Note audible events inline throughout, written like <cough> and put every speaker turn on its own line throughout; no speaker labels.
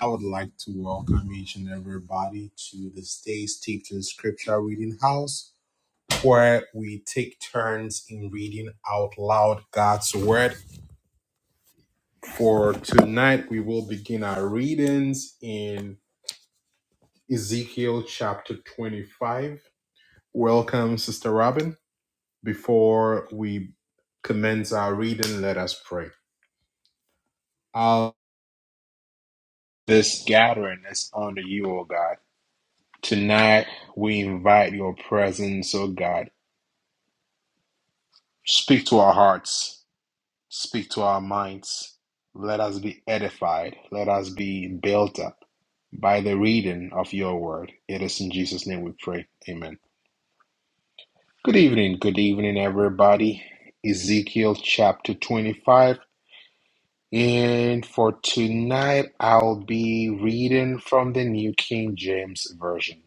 I would like to welcome each and everybody to this day's Teaching Scripture Reading House, where we take turns in reading out loud God's Word. For tonight, we will begin our readings in Ezekiel chapter 25. Welcome, Sister Robin. Before we commence our reading, let us pray. Our this gathering is under you, O God. Tonight, we invite your presence, O God. Speak to our hearts, speak to our minds. Let us be edified, let us be built up by the reading of your word. It is in Jesus' name we pray. Amen. Good evening, good evening, everybody. Ezekiel chapter 25. And for tonight, I'll be reading from the New King James Version.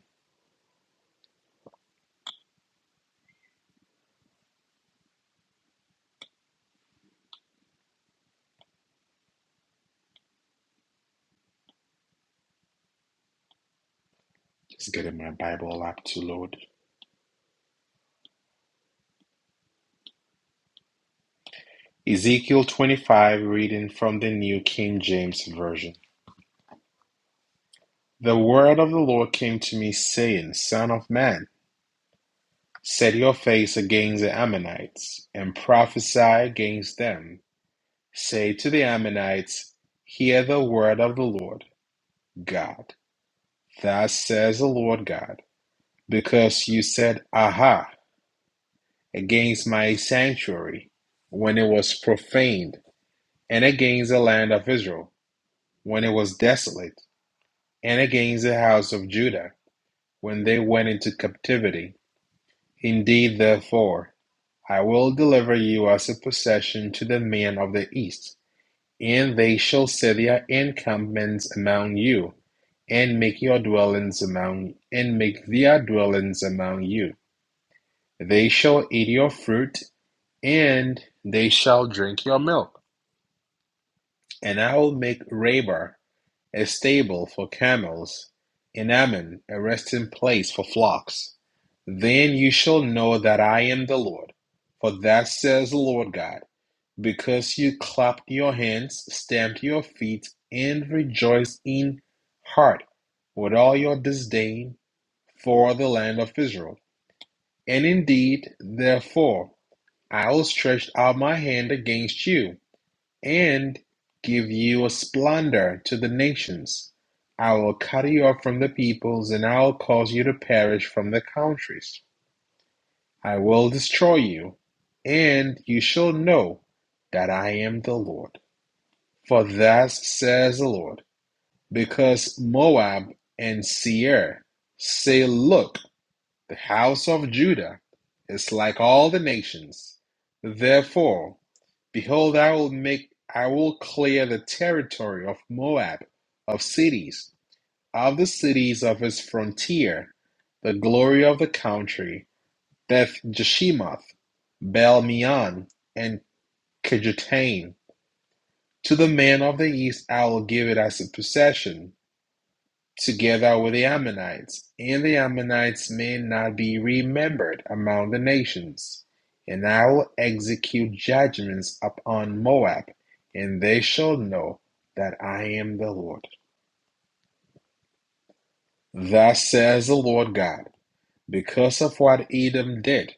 Just getting my Bible up to load. Ezekiel 25, reading from the New King James Version. The word of the Lord came to me, saying, Son of man, set your face against the Ammonites, and prophesy against them. Say to the Ammonites, Hear the word of the Lord God. Thus says the Lord God, because you said, Aha, against my sanctuary, when it was profaned, and against the land of Israel, when it was desolate, and against the house of Judah, when they went into captivity Indeed therefore, I will deliver you as a possession to the men of the east, and they shall set their encampments among you, and make your dwellings among and make their dwellings among you. They shall eat your fruit, and they shall drink your milk. And I will make Rabar A stable for camels, in Ammon a resting place for flocks. Then you shall know that I am the Lord. For thus says the Lord God, because you clapped your hands, stamped your feet, and rejoiced in heart with all your disdain for the land of Israel. And indeed, therefore, I will stretch out my hand against you and give you a splendour to the nations. I will cut you off from the peoples, and I will cause you to perish from the countries. I will destroy you, and you shall know that I am the Lord. For thus says the Lord, because Moab and Seir say, Look, the house of Judah is like all the nations. Therefore, Behold, I will make I will clear the territory of Moab of cities, of the cities of his frontier, the glory of the country, Beth Jeshimoth, Baal Meon, and Kedutain. To the man of the east I will give it as a possession, together with the Ammonites. And the Ammonites may not be remembered among the nations. And I will execute judgments upon Moab, and they shall know that I am the Lord. Thus says the Lord God, because of what Edom did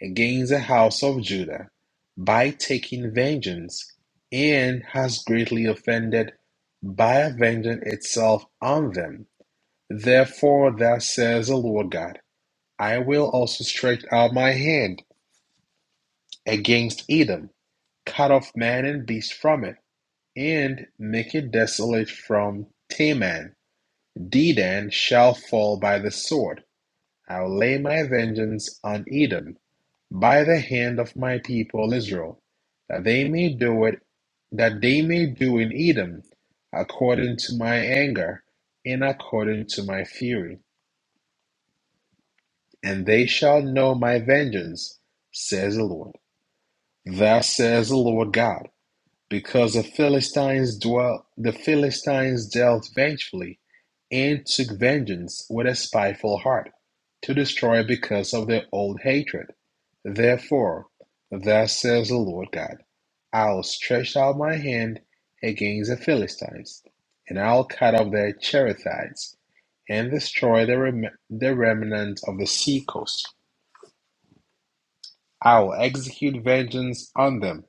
against the house of Judah by taking vengeance, and has greatly offended by avenging itself on them. Therefore, thus says the Lord God. I will also stretch out my hand against Edom, cut off man and beast from it, and make it desolate from Teman. Dedan shall fall by the sword. I will lay my vengeance on Edom by the hand of my people Israel, that they may do it, that they may do in Edom according to my anger and according to my fury, and they shall know my vengeance, says the Lord. Thus says the Lord God, because the Philistines dwelt the Philistines dealt vengefully and took vengeance with a spiteful heart, to destroy because of their old hatred. Therefore, thus says the Lord God, I'll stretch out my hand against the Philistines, and I'll cut off their Cherethites, and destroy the, rem- the remnant of the sea coast. I will execute vengeance on them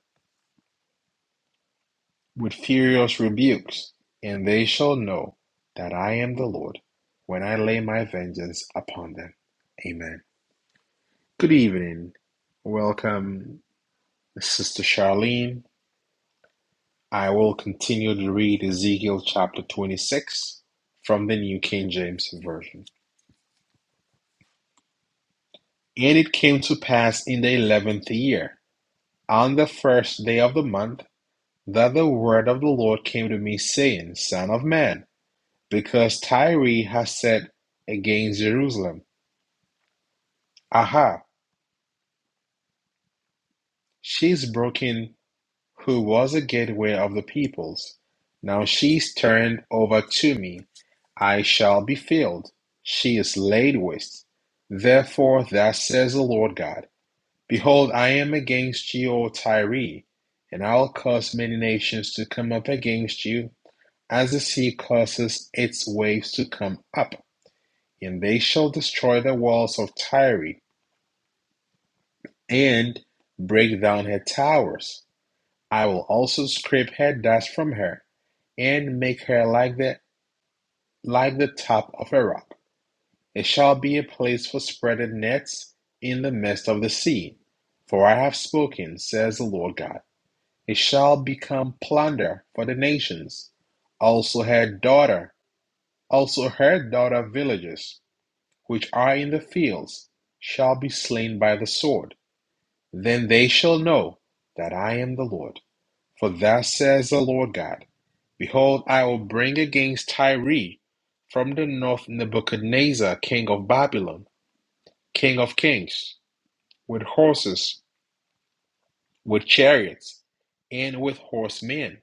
with furious rebukes, and they shall know that I am the Lord when I lay my vengeance upon them. Amen. Good evening. Welcome, Sister Charlene. I will continue to read Ezekiel chapter 26 from the New King James Version. And it came to pass in the eleventh year, on the first day of the month, that the word of the Lord came to me, saying, Son of man, Because Tyre has set against Jerusalem, Aha, she's broken who was a gateway of the peoples. Now she's turned over to me. I shall be filled. She is laid waste. Therefore, thus says the Lord God Behold, I am against you, O Tyre, and I'll cause many nations to come up against you, as the sea causes its waves to come up, and they shall destroy the walls of Tyre And break down her towers; I will also scrape her dust from her, and make her like the like the top of a rock. It shall be a place for spreading nets in the midst of the sea. For I have spoken, says the Lord God. It shall become plunder for the nations. Also her daughter, also her daughter villages, which are in the fields, shall be slain by the sword. Then they shall know that I am the Lord. For thus says the Lord God Behold, I will bring against Tyre from the north Nebuchadnezzar, king of Babylon, king of kings, with horses, with chariots, and with horsemen,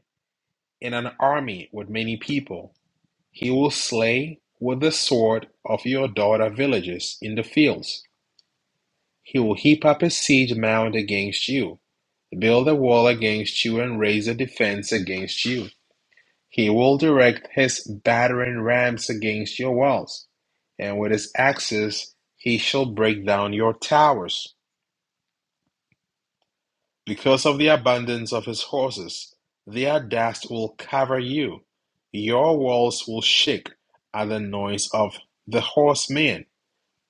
in an army with many people. He will slay with the sword of your daughter villages in the fields. He will heap up a siege mound against you, build a wall against you, and raise a defense against you He will direct his battering rams against your walls, and with his axes he shall break down your towers. Because of the abundance of his horses, their dust will cover you. Your walls will shake at the noise of the horsemen,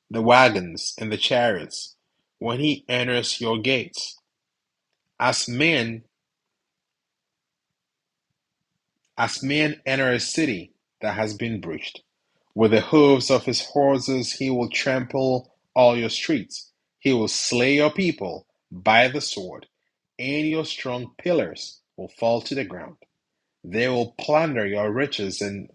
the wagons, and the chariots, when he enters your gates. As men, as men enter a city that has been breached With the hooves of his horses he will trample all your streets. He will slay your people by the sword, and your strong pillars will fall to the ground. They will plunder your riches and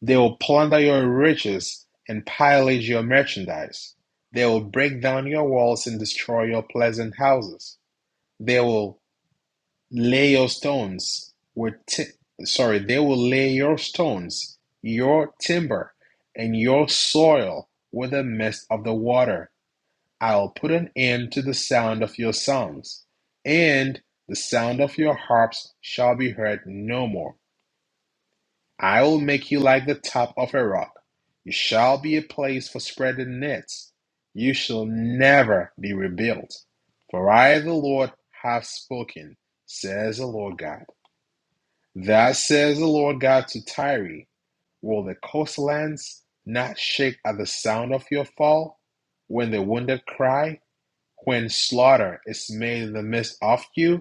they will plunder your riches and pillage your merchandise. They will break down your walls and destroy your pleasant houses. They will Lay your stones with. ti- sorry, they will lay your stones, your timber, and your soil with the mist of the water. I'll put an end to the sound of your songs, and the sound of your harps shall be heard no more. I will make you like the top of a rock. You shall be a place for spreading nets. You shall never be rebuilt. For I, the Lord, have spoken, says the Lord God. Thus says the Lord God to Tyre, Will the coastlands not shake at the sound of your fall? When the wounded cry, when slaughter is made in the midst of you?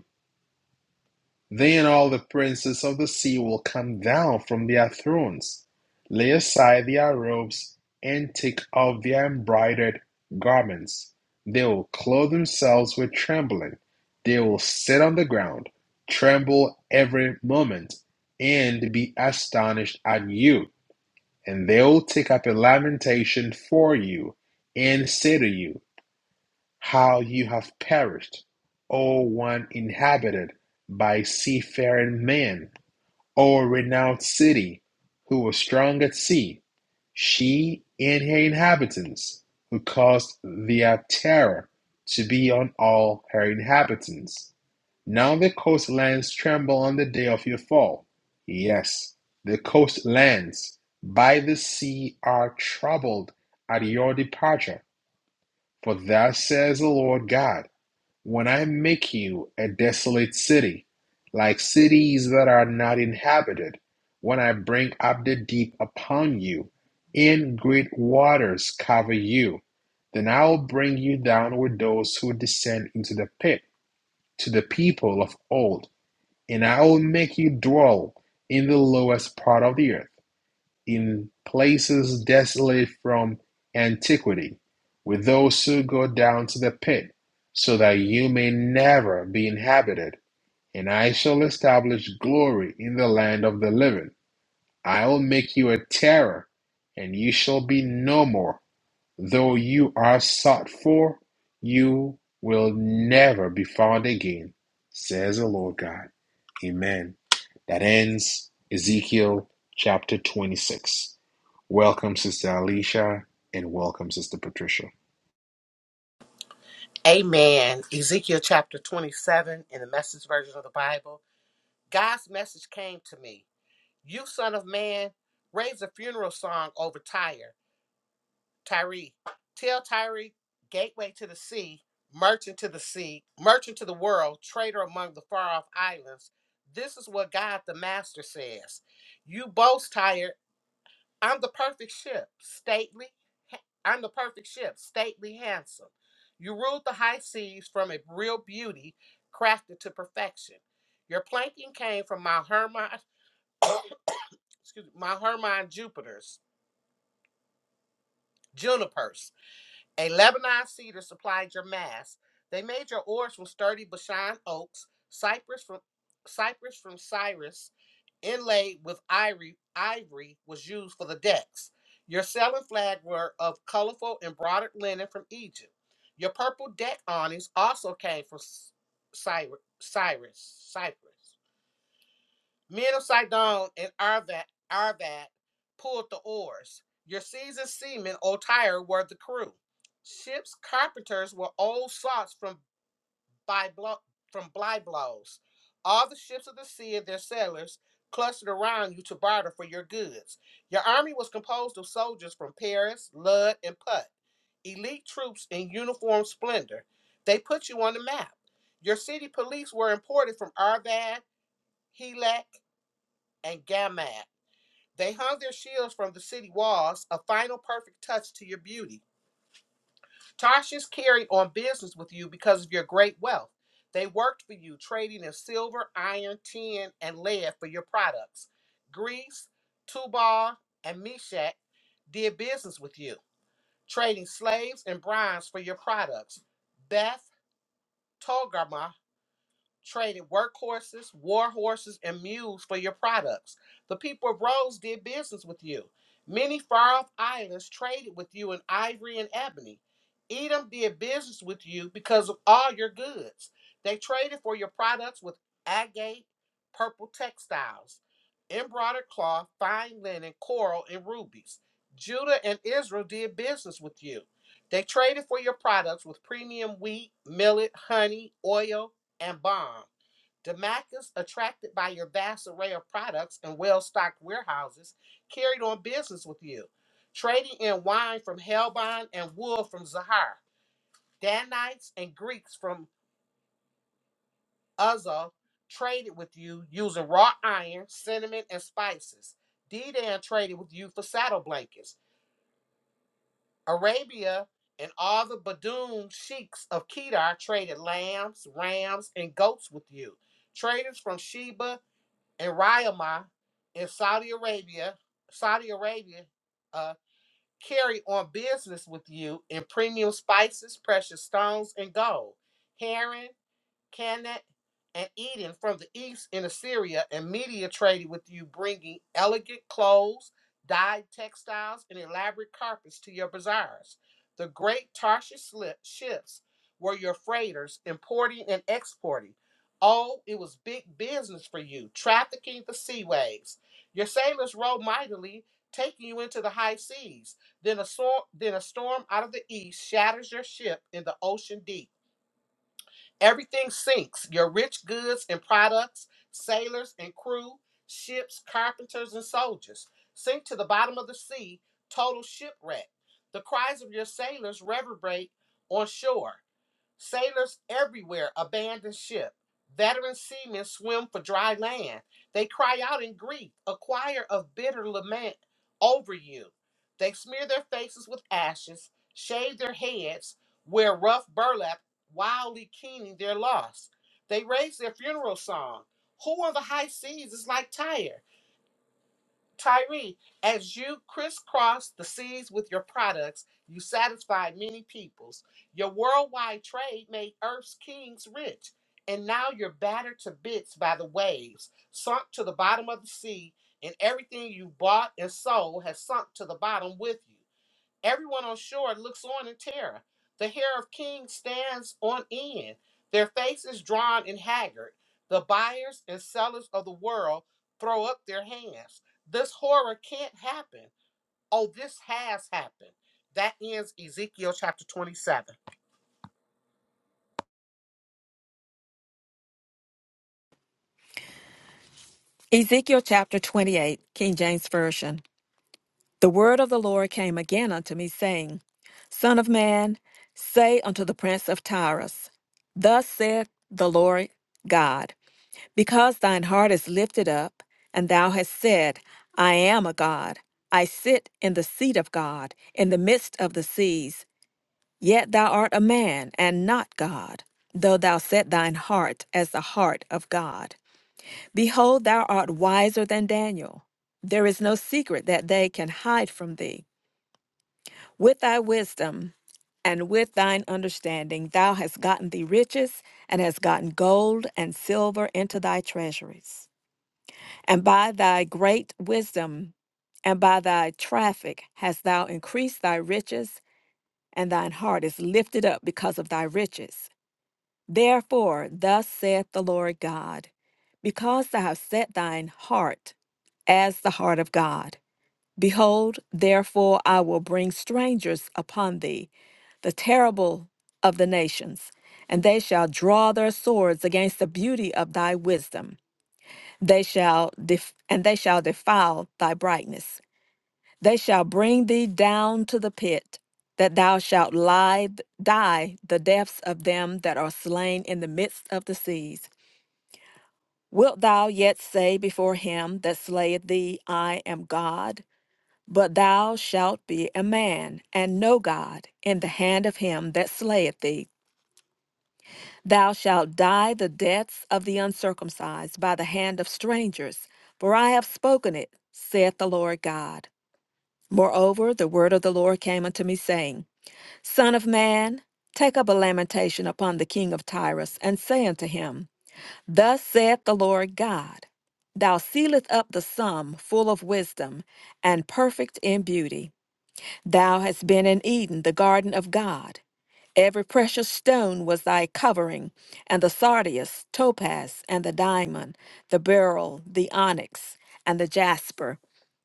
Then all the princes of the sea will come down from their thrones, lay aside their robes, and take off their embroidered garments. They will clothe themselves with trembling. They will sit on the ground, tremble every moment, and be astonished at you. And they will take up a lamentation for you, and say to you, how you have perished, O one inhabited by seafaring men, O renowned city, who was strong at sea, she and her inhabitants, who caused their terror to be on all her inhabitants. Now the coastlands tremble on the day of your fall. Yes, the coastlands by the sea are troubled at your departure. For thus says the Lord God. When I make you a desolate city, like cities that are not inhabited, when I bring up the deep upon you, and great waters cover you, then I will bring you down with those who descend into the pit, to the people of old, and I will make you dwell in the lowest part of the earth in places desolate from antiquity, with those who go down to the pit, so that you may never be inhabited. And I shall establish glory in the land of the living. I will make you a terror, and you shall be no more. Though you are sought for, you will never be found again, says the Lord God. Amen. That ends Ezekiel chapter 26. Welcome, Sister Alicia, and welcome, Sister Patricia.
Amen. Ezekiel chapter 27 in the message version of the Bible. God's message came to me. You, son of man, raise a funeral song over Tyre. Tyre, tell Tyre, gateway to the sea, merchant to the sea, merchant to the world, trader among the far off islands. This is what God the Master says. You boast, Tyre, I'm the perfect ship, stately. I'm the perfect ship, stately handsome. You ruled the high seas from a real beauty crafted to perfection. Your planking came from my Hermon, <coughs> excuse me, my Hermon Jupiter's, junipers. A Lebanon cedar supplied your mast. They made your oars from sturdy Bashan oaks, cypress from cypress from Cyrus inlaid with ivory, ivory was used for the decks. Your sailing flag were of colorful embroidered linen from Egypt. Your purple deck awnings also came from S- Cyrus, Cyprus. Men of Sidon and Arvad, Arvad pulled the oars. Your seasoned seamen, or tire, were the crew. Ships' carpenters were old salts from by blow, from bly blows. All the ships of the sea and their sailors clustered around you to barter for your goods. Your army was composed of soldiers from Paris, Lud, and Putt, elite troops in uniform splendor. They put you on the map. Your city police were imported from Arvad, Helak, and Gamad. They hung their shields from the city walls, a final perfect touch to your beauty. Tarshish carried on business with you because of your great wealth. They worked for you, trading in silver, iron, tin, and lead for your products. Greece, Tubal, and Meshach did business with you, trading slaves and bronze for your products. Beth, Togarmah, traded workhorses, war horses, and mules for your products. The people of Rhodes did business with you. Many far off islands traded with you in ivory and ebony. Edom did business with you because of all your goods. They traded for your products with agate, purple textiles, embroidered cloth, fine linen, coral, and rubies. Judah and Israel did business with you. They traded for your products with premium wheat, millet, honey, oil, and bomb. Damascus, attracted by your vast array of products and well stocked warehouses, carried on business with you, trading in wine from Helbon and wool from Zahar. Danites and Greeks from Uzza traded with you using raw iron, cinnamon, and spices. Dedan traded with you for saddle blankets. Arabia and all the Bedouin sheiks of Kedar traded lambs, rams, and goats with you. Traders from Sheba in Riyadh in Saudi Arabia, Saudi Arabia, uh, carry on business with you in premium spices, precious stones, and gold, herring, Canaan, and Eden from the east in Assyria and Media traded with you, bringing elegant clothes, dyed textiles, and elaborate carpets to your bazaars. The great Tarshish ships were your freighters, importing and exporting. Oh, it was big business for you, trafficking the sea waves. Your sailors rowed mightily, taking you into the high seas. Then a, sor- then a storm out of the east shatters your ship in the ocean deep. Everything sinks your rich goods and products, sailors and crew, ships, carpenters, and soldiers sink to the bottom of the sea, total shipwreck. The cries of your sailors reverberate on shore. Sailors everywhere abandon ship. Veteran seamen swim for dry land. They cry out in grief, a choir of bitter lament over you. They smear their faces with ashes, shave their heads, wear rough burlap, wildly keening their loss. They raise their funeral song. Who on the high seas is like Tyre? Tyree, as you crisscross the seas with your products, you satisfied many peoples. Your worldwide trade made earth's kings rich, and now you're battered to bits by the waves, sunk to the bottom of the sea, and everything you bought and sold has sunk to the bottom with you. Everyone on shore looks on in terror. The hair of kings stands on end, their faces drawn and haggard. The buyers and sellers of the world throw up their hands. This horror can't happen. Oh, this has happened. That ends Ezekiel chapter 27.
Ezekiel chapter 28, King James Version. The word of the Lord came again unto me, saying, Son of man, say unto the prince of Tyrus, Thus saith the Lord God, because thine heart is lifted up, and thou hast said, I am a God, I sit in the seat of God, in the midst of the seas, yet thou art a man, and not God, though thou set thine heart as the heart of God. Behold, thou art wiser than Daniel. There is no secret that they can hide from thee. With thy wisdom and with thine understanding, thou hast gotten thee riches, and hast gotten gold and silver into thy treasuries. And by thy great wisdom and by thy traffic hast thou increased thy riches, and thine heart is lifted up because of thy riches. Therefore, thus saith the Lord God, because thou hast set thine heart as the heart of God, behold, therefore I will bring strangers upon thee, the terrible of the nations, and they shall draw their swords against the beauty of thy wisdom. They shall def- and they shall defile thy brightness. They shall bring thee down to the pit, that thou shalt lie, die the deaths of them that are slain in the midst of the seas. Wilt thou yet say before him that slayeth thee, I am God? But thou shalt be a man, and no God, in the hand of him that slayeth thee. Thou shalt die the deaths of the uncircumcised by the hand of strangers, for I have spoken it, saith the Lord God. Moreover, the word of the Lord came unto me, saying, Son of man, take up a lamentation upon the king of Tyrus, and say unto him, Thus saith the Lord God, Thou sealest up the sum full of wisdom, and perfect in beauty. Thou hast been in Eden, the garden of God. Every precious stone was thy covering, and the sardius, topaz, and the diamond, the beryl, the onyx, and the jasper,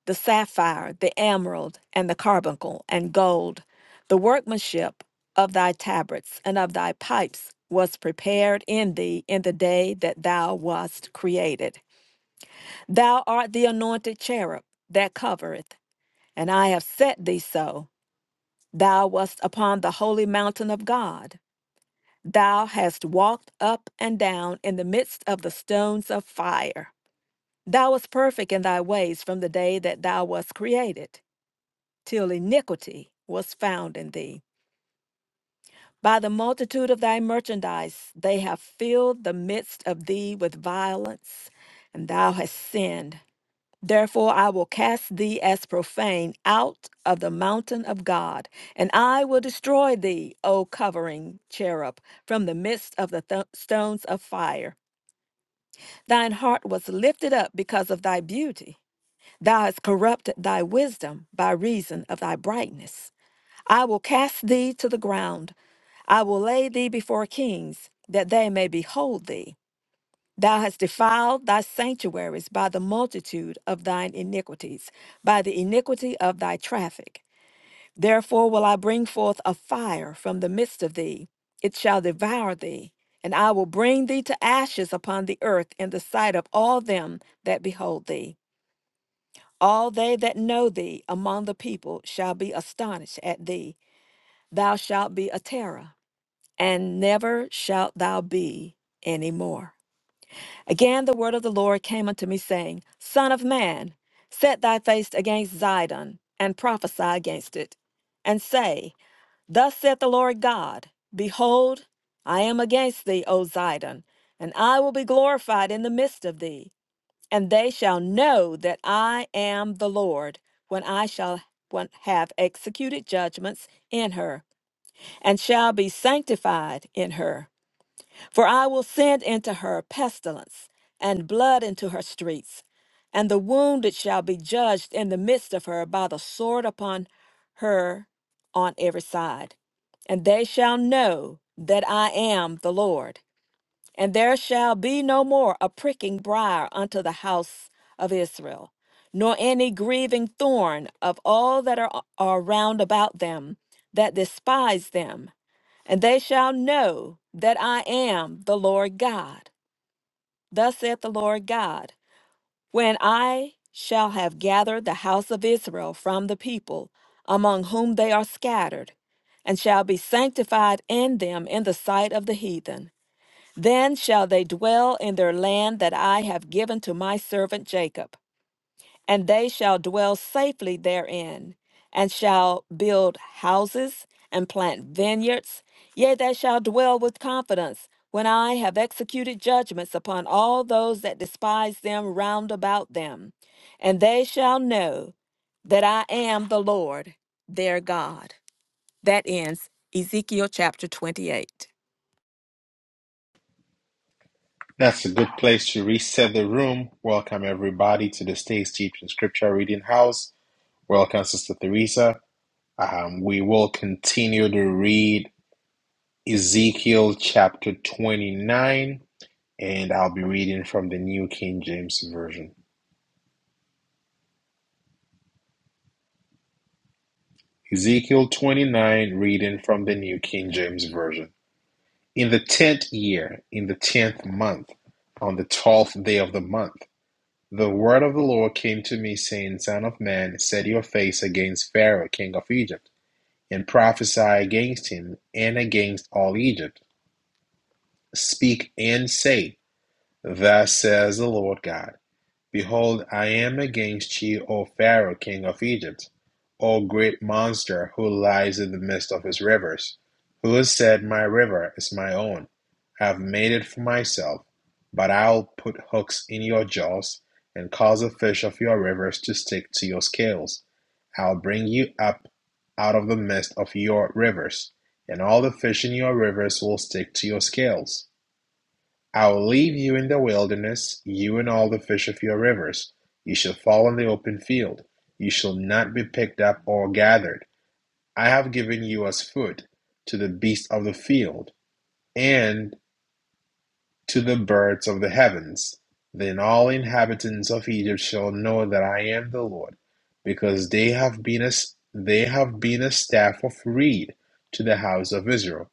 the sapphire, the emerald, and the carbuncle, and gold. The workmanship of thy tabrets and of thy pipes was prepared in thee in the day that thou wast created. Thou art the anointed cherub that covereth, and I have set thee so. Thou wast upon the holy mountain of God. Thou hast walked up and down in the midst of the stones of fire. Thou wast perfect in thy ways from the day that thou wast created, till iniquity was found in thee. By the multitude of thy merchandise, they have filled the midst of thee with violence, and thou hast sinned. Therefore, I will cast thee as profane out of the mountain of God, and I will destroy thee, O covering cherub, from the midst of the th- stones of fire. Thine heart was lifted up because of thy beauty. Thou hast corrupted thy wisdom by reason of thy brightness. I will cast thee to the ground. I will lay thee before kings, that they may behold thee. Thou hast defiled thy sanctuaries by the multitude of thine iniquities, by the iniquity of thy traffic. Therefore will I bring forth a fire from the midst of thee, it shall devour thee, and I will bring thee to ashes upon the earth in the sight of all them that behold thee. All they that know thee among the people shall be astonished at thee. Thou shalt be a terror, and never shalt thou be any more. Again, the word of the Lord came unto me, saying, Son of man, set thy face against Zidon, and prophesy against it, and say, Thus saith the Lord God, Behold, I am against thee, O Zidon, and I will be glorified in the midst of thee, and they shall know that I am the Lord, when I shall when- have executed judgments in her, and shall be sanctified in her. For I will send into her pestilence, and blood into her streets, and the wounded shall be judged in the midst of her by the sword upon her on every side. And they shall know that I am the Lord. And there shall be no more a pricking briar unto the house of Israel, nor any grieving thorn of all that are, are round about them that despise them. And they shall know that I am the Lord God. Thus saith the Lord God, when I shall have gathered the house of Israel from the people among whom they are scattered, and shall be sanctified in them in the sight of the heathen then shall they dwell in their land that I have given to my servant Jacob, and they shall dwell safely therein, and shall build houses and plant vineyards. Yea, they shall dwell with confidence when I have executed judgments upon all those that despise them round about them. And they shall know that I am the Lord their God. That ends Ezekiel chapter 28.
That's a good place to reset the room. Welcome, everybody, to the Stays Teaching Scripture Reading House. Welcome, Sister Theresa. Um, we will continue to read Ezekiel chapter 29, and I'll be reading from the New King James Version. Ezekiel 29, reading from the New King James Version. In the tenth year, in the tenth month, on the twelfth day of the month, The word of the Lord came to me, saying, Son of man, set your face against Pharaoh, king of Egypt, and prophesy against him and against all Egypt. Speak and say, Thus says the Lord God. Behold, I am against you, O Pharaoh, king of Egypt, O great monster who lies in the midst of his rivers, who has said, My river is my own. I have made it for myself, but I'll put hooks in your jaws and cause the fish of your rivers to stick to your scales. I'll bring you up out of the midst of your rivers, and all the fish in your rivers will stick to your scales. I'll leave you in the wilderness, you and all the fish of your rivers. You shall fall in the open field. You shall not be picked up or gathered. I have given you as food to the beasts of the field and to the birds of the heavens. Then all inhabitants of Egypt shall know that I am the Lord, because they have been a, they have been a staff of reed to the house of Israel.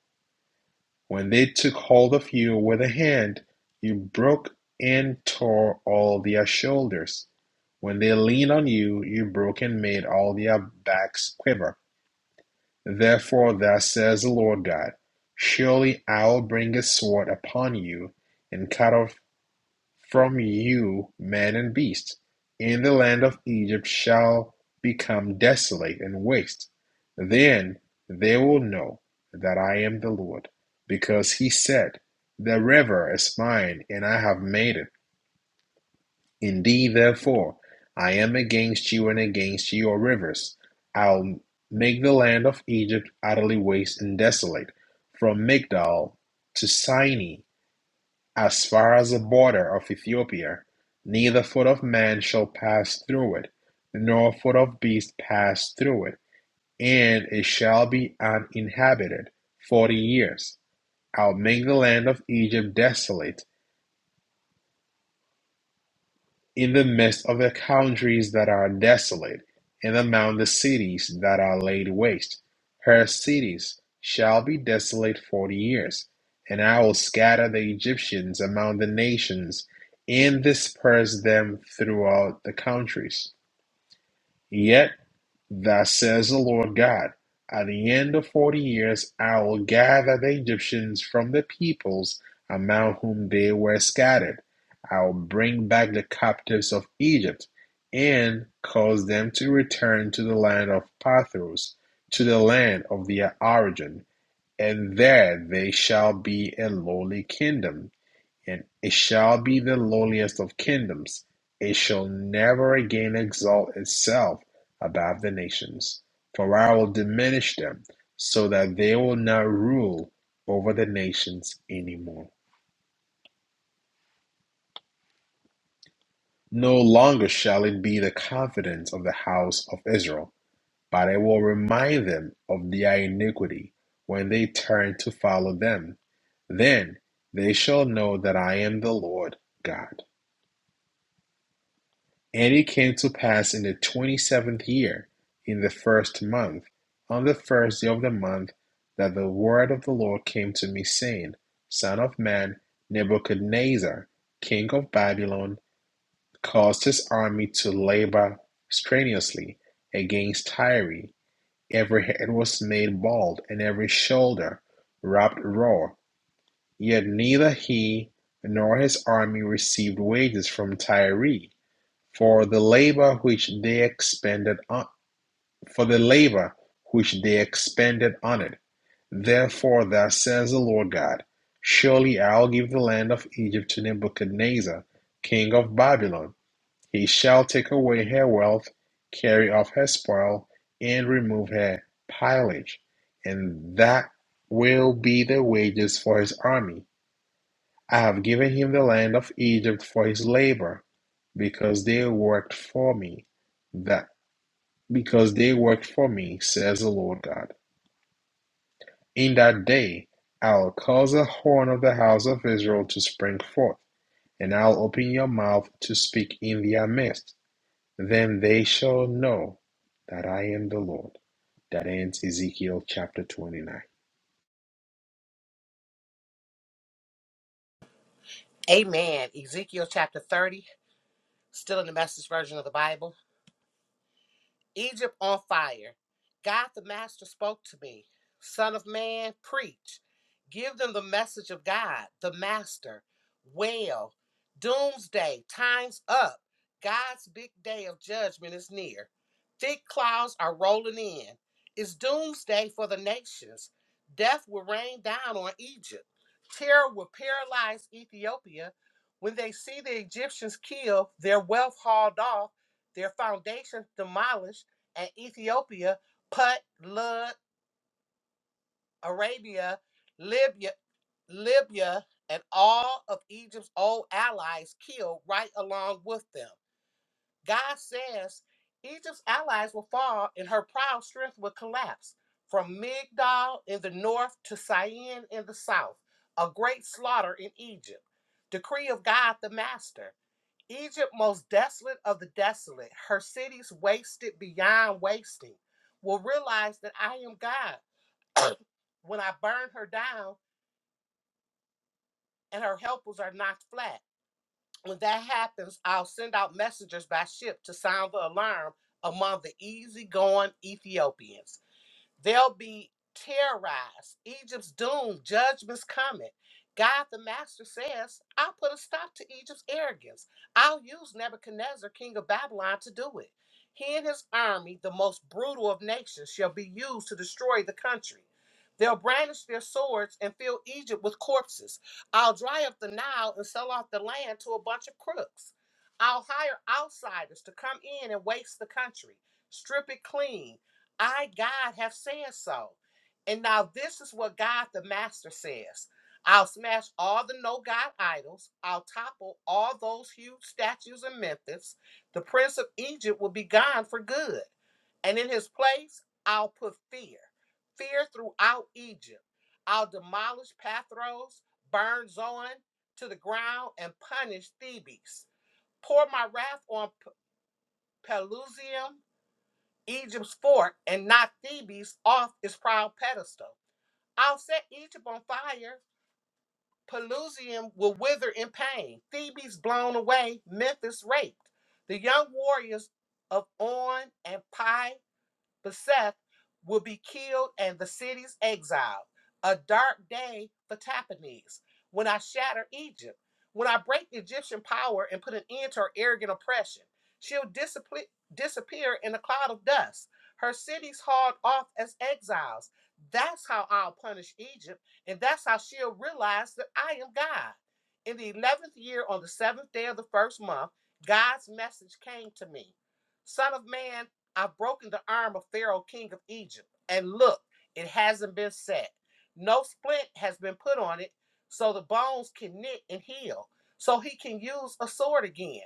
When they took hold of you with a hand, you broke and tore all their shoulders. When they leaned on you, you broke and made all their backs quiver. Therefore, thus says the Lord God Surely I will bring a sword upon you, and cut off from you man and beast, and the land of Egypt shall become desolate and waste. Then they will know that I am the Lord, because he said, The river is mine, and I have made it. Indeed, therefore, I am against you and against your rivers. I'll make the land of Egypt utterly waste and desolate, from Migdol to Sinai. As far as the border of Ethiopia, neither foot of man shall pass through it, nor foot of beast pass through it; and it shall be uninhabited forty years: I will make the land of Egypt desolate. In the midst of the countries that are desolate, and among the cities that are laid waste, her cities shall be desolate forty years. And I will scatter the Egyptians among the nations, and disperse them throughout the countries. Yet. Thus says the Lord God, At the end of forty years I will gather the Egyptians from the peoples among whom they were scattered. I will bring back the captives of Egypt and cause them to return to the land of Pathros, to the land of their origin, and there they shall be a lowly kingdom and it shall be the lowliest of kingdoms. It shall never again exalt itself above the nations. For I will diminish them, so that they will not rule over the nations anymore. No longer shall it be the confidence of the house of Israel, but I will remind them of their iniquity when they turn to follow them. Then they shall know that I am the Lord God. And it came to pass in the twenty-seventh year, in the first month, on the first day of the month, that the word of the Lord came to me, saying, Son of man, Nebuchadnezzar, king of Babylon, caused his army to labor strenuously against Tyre. Every head was made bald, and every shoulder rubbed raw. Yet neither he nor his army received wages from Tyre for the labour which they expended on for the labour which they expended on it. Therefore thus says the Lord God, Surely I will give the land of Egypt to Nebuchadnezzar, king of Babylon. He shall take away her wealth, carry off her spoil, and remove her pillage, and that will be the wages for his army. I have given him the land of Egypt for his labor, because they worked for me that because they worked for me, says the Lord God. In that day I will cause a horn of the house of Israel to spring forth, and I will open your mouth to speak in their midst. Then they shall know that I am the Lord. That ends Ezekiel chapter 29.
Amen. Ezekiel chapter 30, still in the message version of the Bible. Egypt on fire. God the Master spoke to me. Son of man, preach. Give them the message of God, the Master. Wail. Doomsday, time's up. God's big day of judgment is near. Thick clouds are rolling in. It's doomsday for the nations. Death will rain down on Egypt. Terror will paralyze Ethiopia when they see the Egyptians killed, their wealth hauled off, their foundations demolished and Ethiopia, Put, Lud, Arabia, Libya, Libya, and all of Egypt's old allies killed right along with them. God says Egypt's allies will fall and her proud strength will collapse. From Migdal in the north to Syene in the south, a great slaughter in Egypt. Decree of God the Master. Egypt, most desolate of the desolate, her cities wasted beyond wasting, will realize that I am God <coughs> <clears throat> when I burn her down and her helpers are knocked flat. When that happens, I'll send out messengers by ship to sound the alarm among the easygoing Ethiopians. They'll be terrorized. Egypt's doomed. Judgment's coming. God the Master says, I'll put a stop to Egypt's arrogance. I'll use Nebuchadnezzar, king of Babylon, to do it. He and his army, the most brutal of nations, shall be used to destroy the country. They'll brandish their swords and fill Egypt with corpses. I'll dry up the Nile and sell off the land to a bunch of crooks. I'll hire outsiders to come in and waste the country, strip it clean, I, God, have said so. And now this is what God the Master says I'll smash all the no God idols, I'll topple all those huge statues in Memphis. The prince of Egypt will be gone for good. And in his place, I'll put fear fear throughout Egypt. I'll demolish Pathros, burn Zoan to the ground, and punish Thebes. Pour my wrath on P- Pelusium Egypt's fort and not Thebes off its proud pedestal. I'll set Egypt on fire. Pelusium will wither in pain. Thebes blown away, Memphis raped. The young warriors of On and Pi Beseth will be killed and the cities exiled. A dark day for Tappanes when I shatter Egypt, when I break Egyptian power and put an end to her arrogant oppression. She'll disappear, disappear in a cloud of dust, her cities hauled off as exiles. That's how I'll punish Egypt, and that's how she'll realize that I am God. In the 11th year, on the seventh day of the first month, God's message came to me Son of man, I've broken the arm of Pharaoh, king of Egypt. And look, it hasn't been set. No splint has been put on it, so the bones can knit and heal, so he can use a sword again.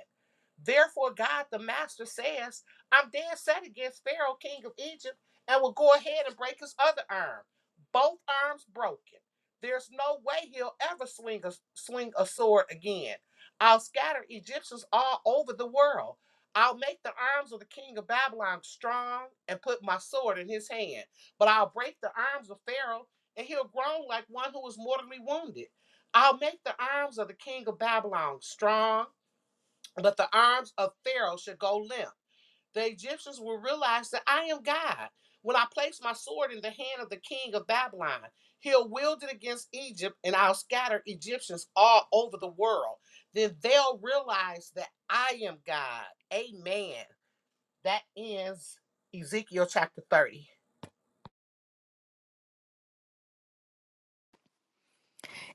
Therefore, God the Master says, I'm dead set against Pharaoh, king of Egypt, and will go ahead and break his other arm. Both arms broken. There's no way he'll ever swing a, swing a sword again. I'll scatter Egyptians all over the world I'll make the arms of the king of Babylon strong and put my sword in his hand. But I'll break the arms of Pharaoh, and he'll groan like one who is mortally wounded. I'll make the arms of the king of Babylon strong, but the arms of Pharaoh should go limp. The Egyptians will realize that I am God. When I place my sword in the hand of the king of Babylon, he'll wield it against Egypt, and I'll scatter Egyptians all over the world. Then they'll realize that I am God. Amen. That ends Ezekiel chapter 30.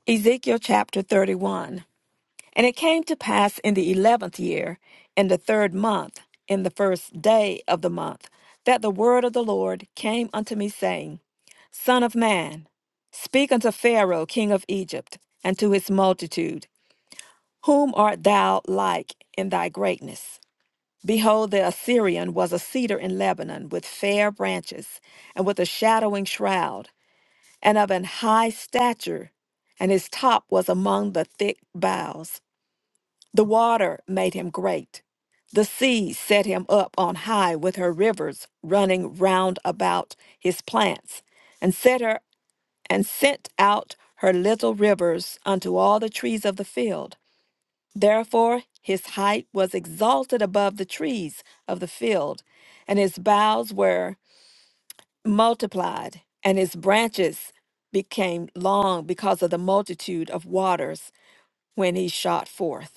Ezekiel chapter 31. And it came to pass in the eleventh year, in the third month, in the first day of the month, that the word of the Lord came unto me, saying, Son of man, speak unto Pharaoh king of Egypt, and to his multitude, Whom art thou like in thy greatness? Behold, the Assyrian was a cedar in Lebanon, with fair branches, and with a shadowing shroud, and of an high stature, and his top was among the thick boughs. The water made him great. The sea set him up on high with her rivers running round about his plants, and set her and sent out her little rivers unto all the trees of the field. Therefore his height was exalted above the trees of the field, and his boughs were multiplied, and his branches became long because of the multitude of waters when he shot forth.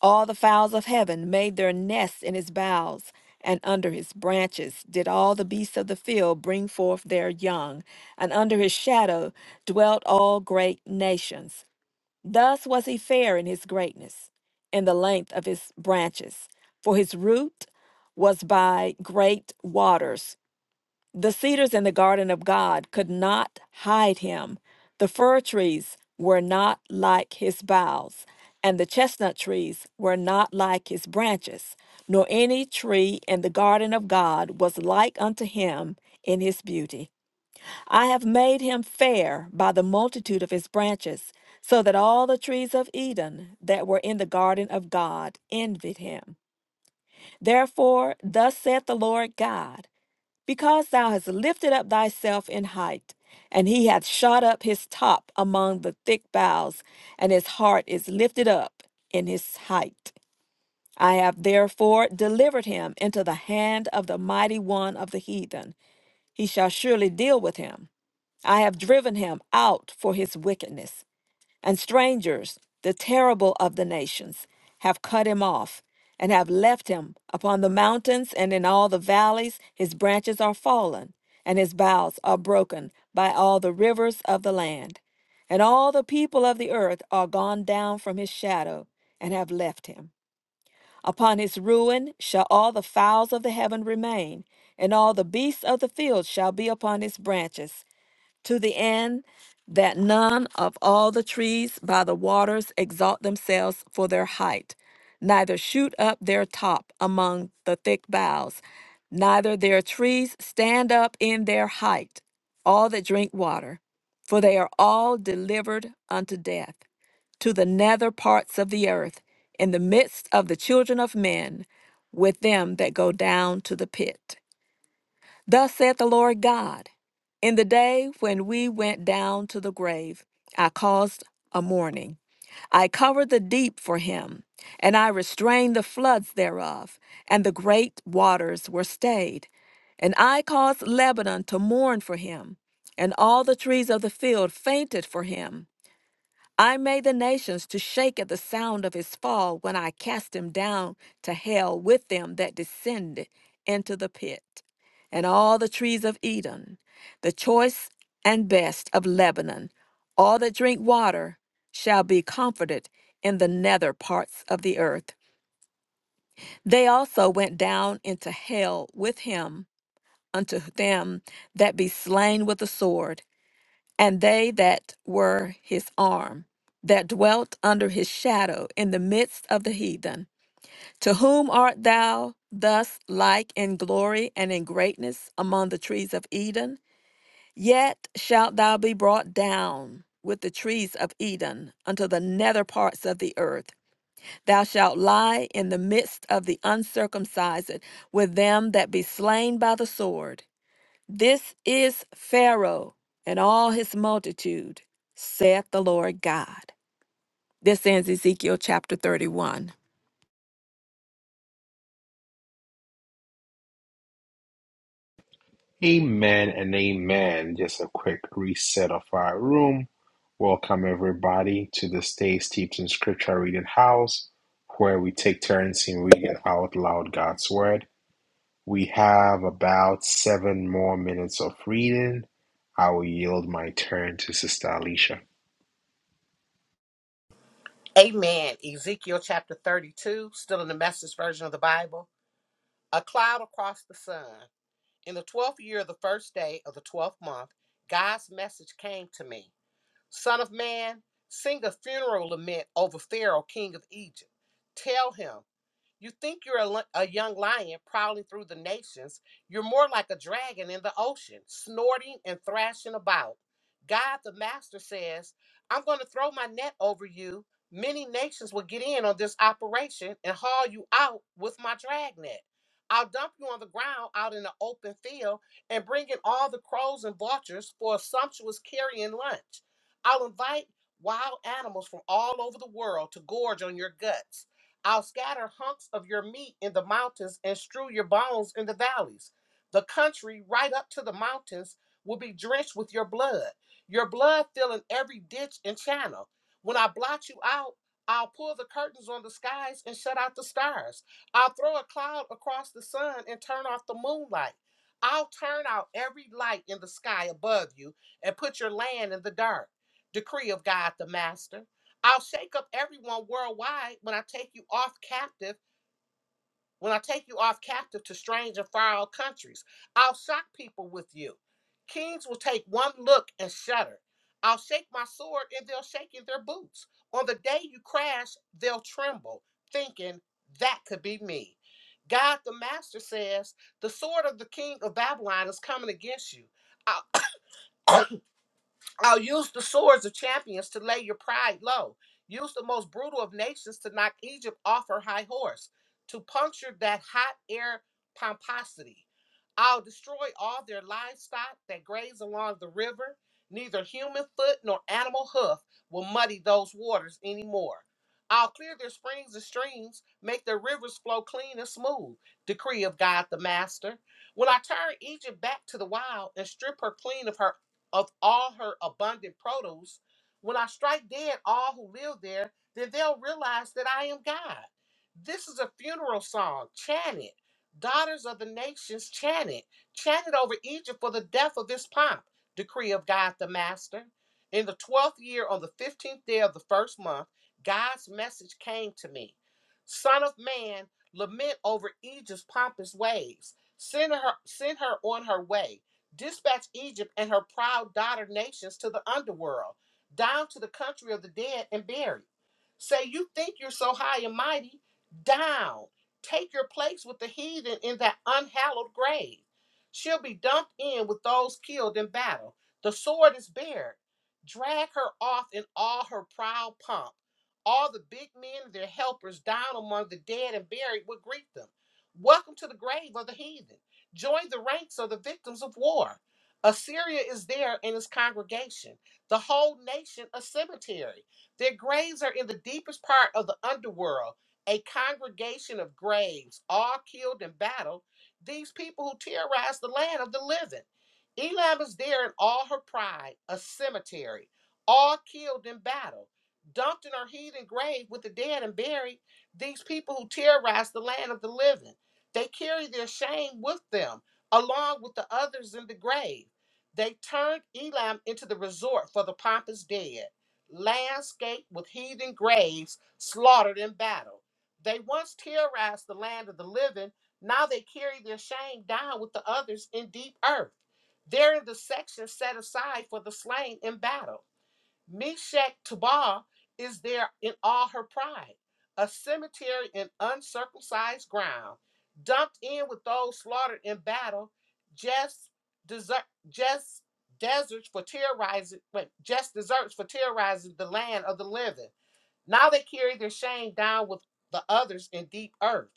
All the fowls of heaven made their nests in his boughs, and under his branches did all the beasts of the field bring forth their young, and under his shadow dwelt all great nations. Thus was he fair in his greatness, in the length of his branches, for his root was by great waters the cedars in the garden of God could not hide him. The fir trees were not like his boughs, and the chestnut trees were not like his branches, nor any tree in the garden of God was like unto him in his beauty. I have made him fair by the multitude of his branches, so that all the trees of Eden that were in the garden of God envied him. Therefore, thus saith the Lord God. Because thou hast lifted up thyself in height, and he hath shot up his top among the thick boughs, and his heart is lifted up in his height. I have therefore delivered him into the hand of the mighty one of the heathen. He shall surely deal with him. I have driven him out for his wickedness and strangers, the terrible of the nations, have cut him off and have left him upon the mountains and in all the valleys. His branches are fallen, and his boughs are broken by all the rivers of the land. And all the people of the earth are gone down from his shadow and have left him. Upon his ruin shall all the fowls of the heaven remain, and all the beasts of the field shall be upon his branches to the end that none of all the trees by the waters exalt themselves for their height, neither shoot up their top among the thick boughs, neither their trees stand up in their height, all that drink water, for they are all delivered unto death, to the nether parts of the earth, in the midst of the children of men, with them that go down to the pit. Thus saith the Lord God In the day when we went down to the grave, I caused a mourning. I covered the deep for him, and I restrained the floods thereof, and the great waters were stayed. And I caused Lebanon to mourn for him, and all the trees of the field fainted for him. I made the nations to shake at the sound of his fall when I cast him down to hell with them that descended into the pit. And all the trees of Eden, the choice and best of Lebanon, all that drink water shall be comforted in the nether parts of the earth. They also went down into hell with him unto them that be slain with the sword and they that were his arm, that dwelt under his shadow in the midst of the heathen. To whom art thou thus like in glory and in greatness among the trees of Eden? Yet shalt thou be brought down with the trees of Eden unto the nether parts of the earth. Thou shalt lie in the midst of the uncircumcised with them that be slain by the sword. This is Pharaoh and all his multitude, saith the Lord God. This ends Ezekiel chapter 31.
Amen and amen. Just a quick reset of our room. Welcome everybody to the Stay Steeped in Scripture Reading House, where we take turns in reading out loud God's Word We have about seven more minutes of reading. I will yield my turn to Sister Alicia.
Amen. Ezekiel chapter 32, still in the message version of the Bible. A cloud across the sun. In the 12th year of the first day of the 12th month, God's message came to me Son of man, sing a funeral lament over Pharaoh, king of Egypt. Tell him, You think you're a, li- a young lion prowling through the nations. You're more like a dragon in the ocean, snorting and thrashing about. God the Master says, I'm going to throw my net over you. Many nations will get in on this operation and haul you out with my dragnet. I'll dump you on the ground out in the open field and bring in all the crows and vultures for a sumptuous carrion lunch. I'll invite wild animals from all over the world to gorge on your guts. I'll scatter hunks of your meat in the mountains and strew your bones in the valleys. The country right up to the mountains will be drenched with your blood, your blood filling every ditch and channel. When I blot you out, I'll pull the curtains on the skies and shut out the stars. I'll throw a cloud across the sun and turn off the moonlight. I'll turn out every light in the sky above you and put your land in the dark. Decree of God the Master. I'll shake up everyone worldwide when I take you off captive, when I take you off captive to strange and far off countries. I'll shock people with you. Kings will take one look and shudder. I'll shake my sword and they'll shake in their boots. On the day you crash, they'll tremble, thinking, that could be me. God the Master says, the sword of the king of Babylon is coming against you. I. I'll use the swords of champions to lay your pride low. Use the most brutal of nations to knock Egypt off her high horse, to puncture that hot air pomposity. I'll destroy all their livestock that graze along the river. Neither human foot nor animal hoof will muddy those waters anymore. I'll clear their springs and streams, make their rivers flow clean and smooth. Decree of God the Master. When I turn Egypt back to the wild and strip her clean of her of all her abundant produce, when I strike dead all who live there, then they'll realize that I am God. This is a funeral song. Chant it. Daughters of the nations, chant it. Chant it over Egypt for the death of this pomp. Decree of God the Master. In the 12th year, on the 15th day of the first month, God's message came to me Son of man, lament over Egypt's pompous ways. Send her, send her on her way dispatch Egypt and her proud daughter nations to the underworld, down to the country of the dead and buried. Say, you think you're so high and mighty? Down. Take your place with the heathen in that unhallowed grave. She'll be dumped in with those killed in battle. The sword is bared. Drag her off in all her proud pomp. All the big men and their helpers down among the dead and buried will greet them. Welcome to the grave of the heathen. Join the ranks of the victims of war. Assyria is there in its congregation, the whole nation a cemetery. Their graves are in the deepest part of the underworld, a congregation of graves, all killed in battle, these people who terrorize the land of the living. Elam is there in all her pride, a cemetery, all killed in battle, dumped in her heathen grave with the dead and buried, these people who terrorize the land of the living. They carry their shame with them, along with the others in the grave. They turned Elam into the resort for the pompous dead, landscaped with heathen graves slaughtered in battle. They once terrorized the land of the living. Now they carry their shame down with the others in deep earth. They're in the section set aside for the slain in battle. Meshach Tubal is there in all her pride, a cemetery in uncircumcised ground, dumped in with those slaughtered in battle, just desert, just deserts for terrorizing, just deserts for terrorizing the land of the living. Now they carry their shame down with the others in deep earth.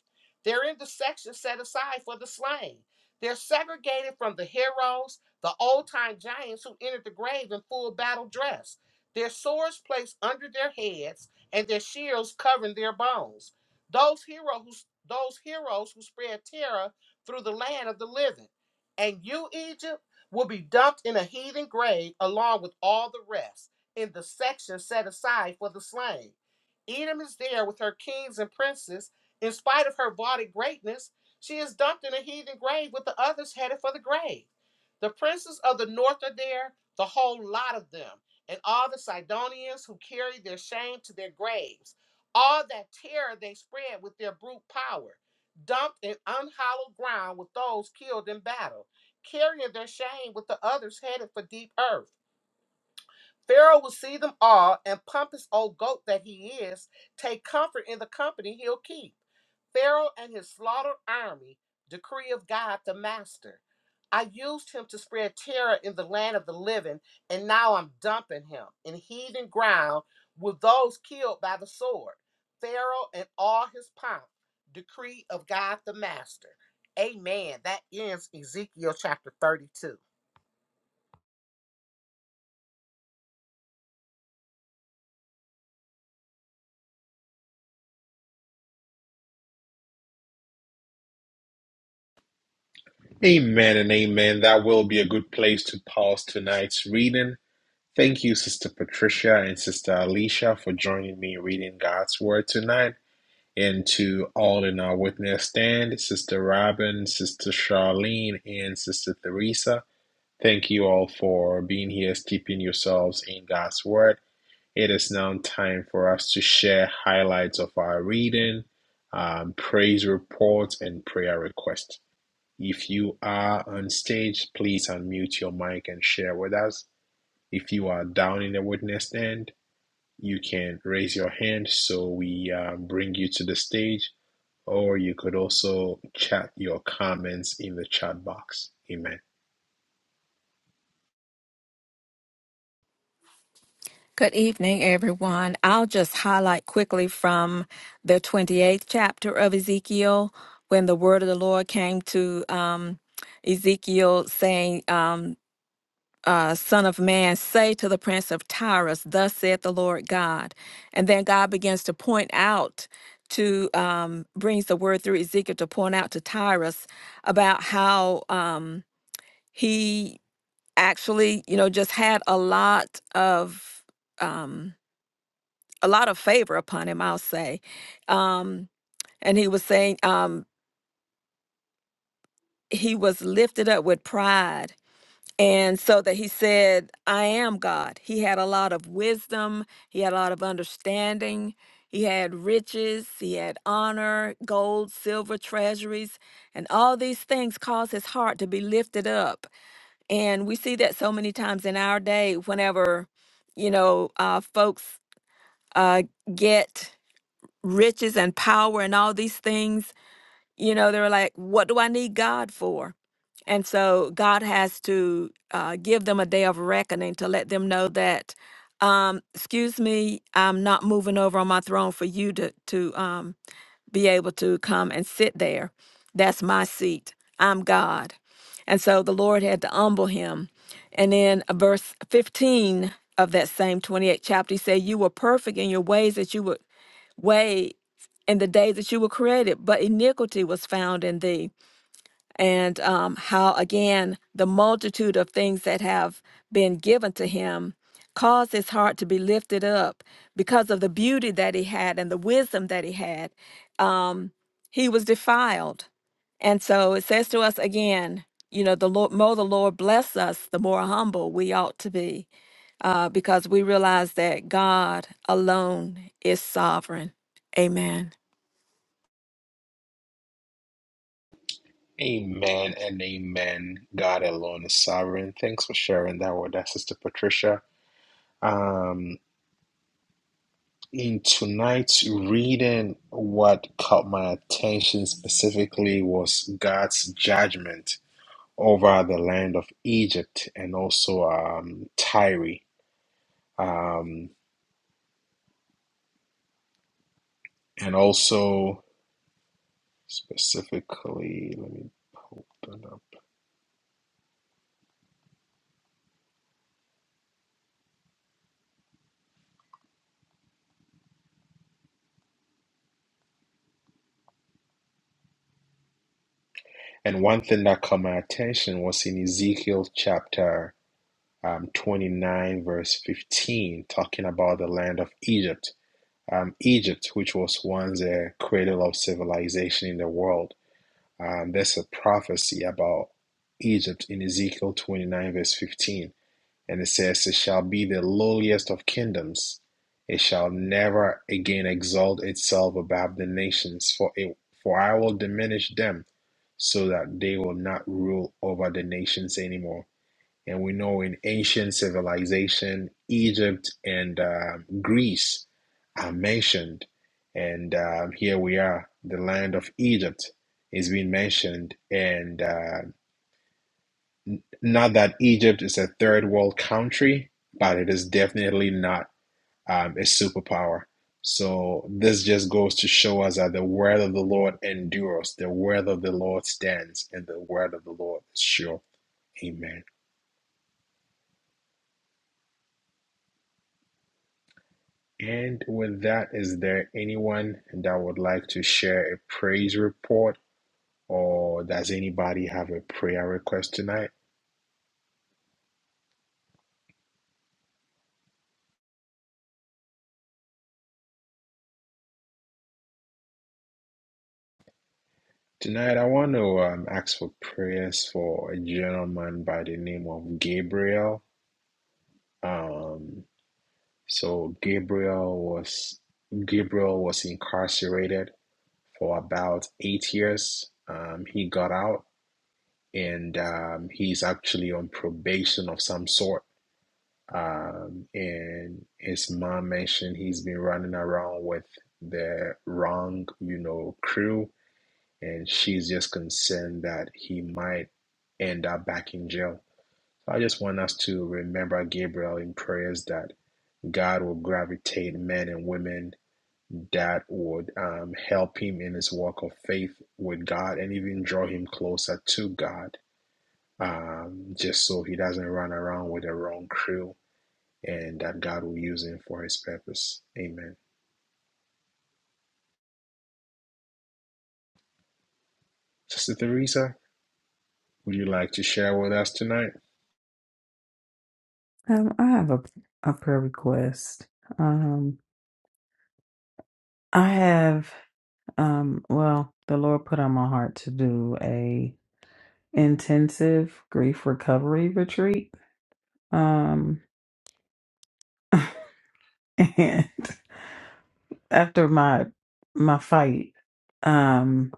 They're in the section set aside for the slain. They're segregated from the heroes, the old time giants who entered the grave in full battle dress, their swords placed under their heads, and their shields covering their bones. Those heroes, those heroes who spread terror through the land of the living. And you, Egypt, will be dumped in a heathen grave along with all the rest in the section set aside for the slain. Edom is there with her kings and princes. In spite of her vaunted greatness, she is dumped in a heathen grave with the others headed for the grave. The princes of the north are there, the whole lot of them, and all the Sidonians who carry their shame to their graves. All that terror they spread with their brute power, dumped in unhallowed ground with those killed in battle, carrying their shame with the others headed for deep earth. Pharaoh will see them all, and pompous old goat that he is, take comfort in the company he'll keep. Pharaoh and his slaughtered army, decree of God the Master. I used him to spread terror in the land of the living, and now I'm dumping him in heathen ground with those killed by the sword. Pharaoh and all his pomp, decree of God the Master. Amen. That ends Ezekiel chapter 32.
Amen and amen. That will be a good place to pause tonight's reading. Thank you, Sister Patricia and Sister Alicia, for joining me in reading God's Word tonight. And to all in our witness stand, Sister Robin, Sister Charlene, and Sister Theresa, thank you all for being here, steeping yourselves in God's Word. It is now time for us to share highlights of our reading, um, praise reports, and prayer requests. If you are on stage, please unmute your mic and share with us. If you are down in the witness stand, you can raise your hand so we uh, bring you to the stage, or you could also chat your comments in the chat box. Amen.
Good evening, everyone. I'll just highlight quickly from the 28th chapter of Ezekiel when the word of the Lord came to um, Ezekiel saying, um, uh, Son of Man, say to the prince of Tyrus, Thus saith the Lord God. And then God begins to point out to, um, brings the word through Ezekiel to point out to Tyrus about how um, he actually, you know, just had a lot of, um, a lot of favor upon him, I'll say. Um, and he was saying, um, he was lifted up with pride And so that he said, I am God. He had a lot of wisdom, he had a lot of understanding, he had riches, he had honor, gold, silver, treasuries, and all these things caused his heart to be lifted up. And we see that so many times in our day whenever, you know, uh, folks uh, get riches and power and all these things you know, they were like, what do I need God for? And so God has to uh, give them a day of reckoning to let them know that, um, excuse me, I'm not moving over on my throne for you to, to um, be able to come and sit there. That's my seat. I'm God. And so the Lord had to humble him. And then uh, verse 15 of that same 28th chapter, he said, You were perfect in your ways that you would way in the days that you were created, but iniquity was found in thee. And um, how, again, the multitude of things that have been given to him caused his heart to be lifted up because of the beauty that he had and the wisdom that he had. Um, he was defiled. And so it says to us again, you know, the Lord, more the Lord bless us, the more humble we ought to be uh, because we realize that God alone is sovereign. Amen.
Amen and amen. God alone is sovereign. Thanks for sharing that with us, Sister Patricia. Um, in tonight's reading, what caught my attention specifically was God's judgment over the land of Egypt and also um, Tyre. Um, and also, specifically, let me pull that up. And one thing that caught my attention was in Ezekiel chapter um, 29, verse 15, talking about the land of Egypt. um, Egypt, which was once a cradle of civilization in the world. Um, there's a prophecy about Egypt in Ezekiel 29, verse 15. And it says, It shall be the lowliest of kingdoms. It shall never again exalt itself above the nations, for it, for I will diminish them so that they will not rule over the nations anymore. And we know in ancient civilization, Egypt and uh, Greece are mentioned. And um, here we are, the land of Egypt is being mentioned. And uh, n- not that Egypt is a third world country, but it is definitely not um, a superpower. So this just goes to show us that the word of the Lord endures, the word of the Lord stands, and the word of the Lord is sure. Amen. And with that, is there anyone that would like to share a praise report, or does anybody have a prayer request tonight? Tonight, I want to um, ask for prayers for a gentleman by the name of Gabriel. Um, so Gabriel was Gabriel was incarcerated for about eight years. Um, he got out, and um, he's actually on probation of some sort Um, and his mom mentioned he's been running around with the wrong, you know, crew, and she's just concerned that he might end up back in jail. So I just want us to remember Gabriel in prayers that God will gravitate men and women that would um, help him in his walk of faith with God and even draw him closer to God, um, just so he doesn't run around with the wrong crew and that God will use him for his purpose. Amen. Sister Theresa, would you like to share with us tonight?
Um, I have a, a prayer request. Um, I have, um, well, the Lord put on my heart to do a intensive grief recovery retreat. Um, <laughs> and after my my fight, um,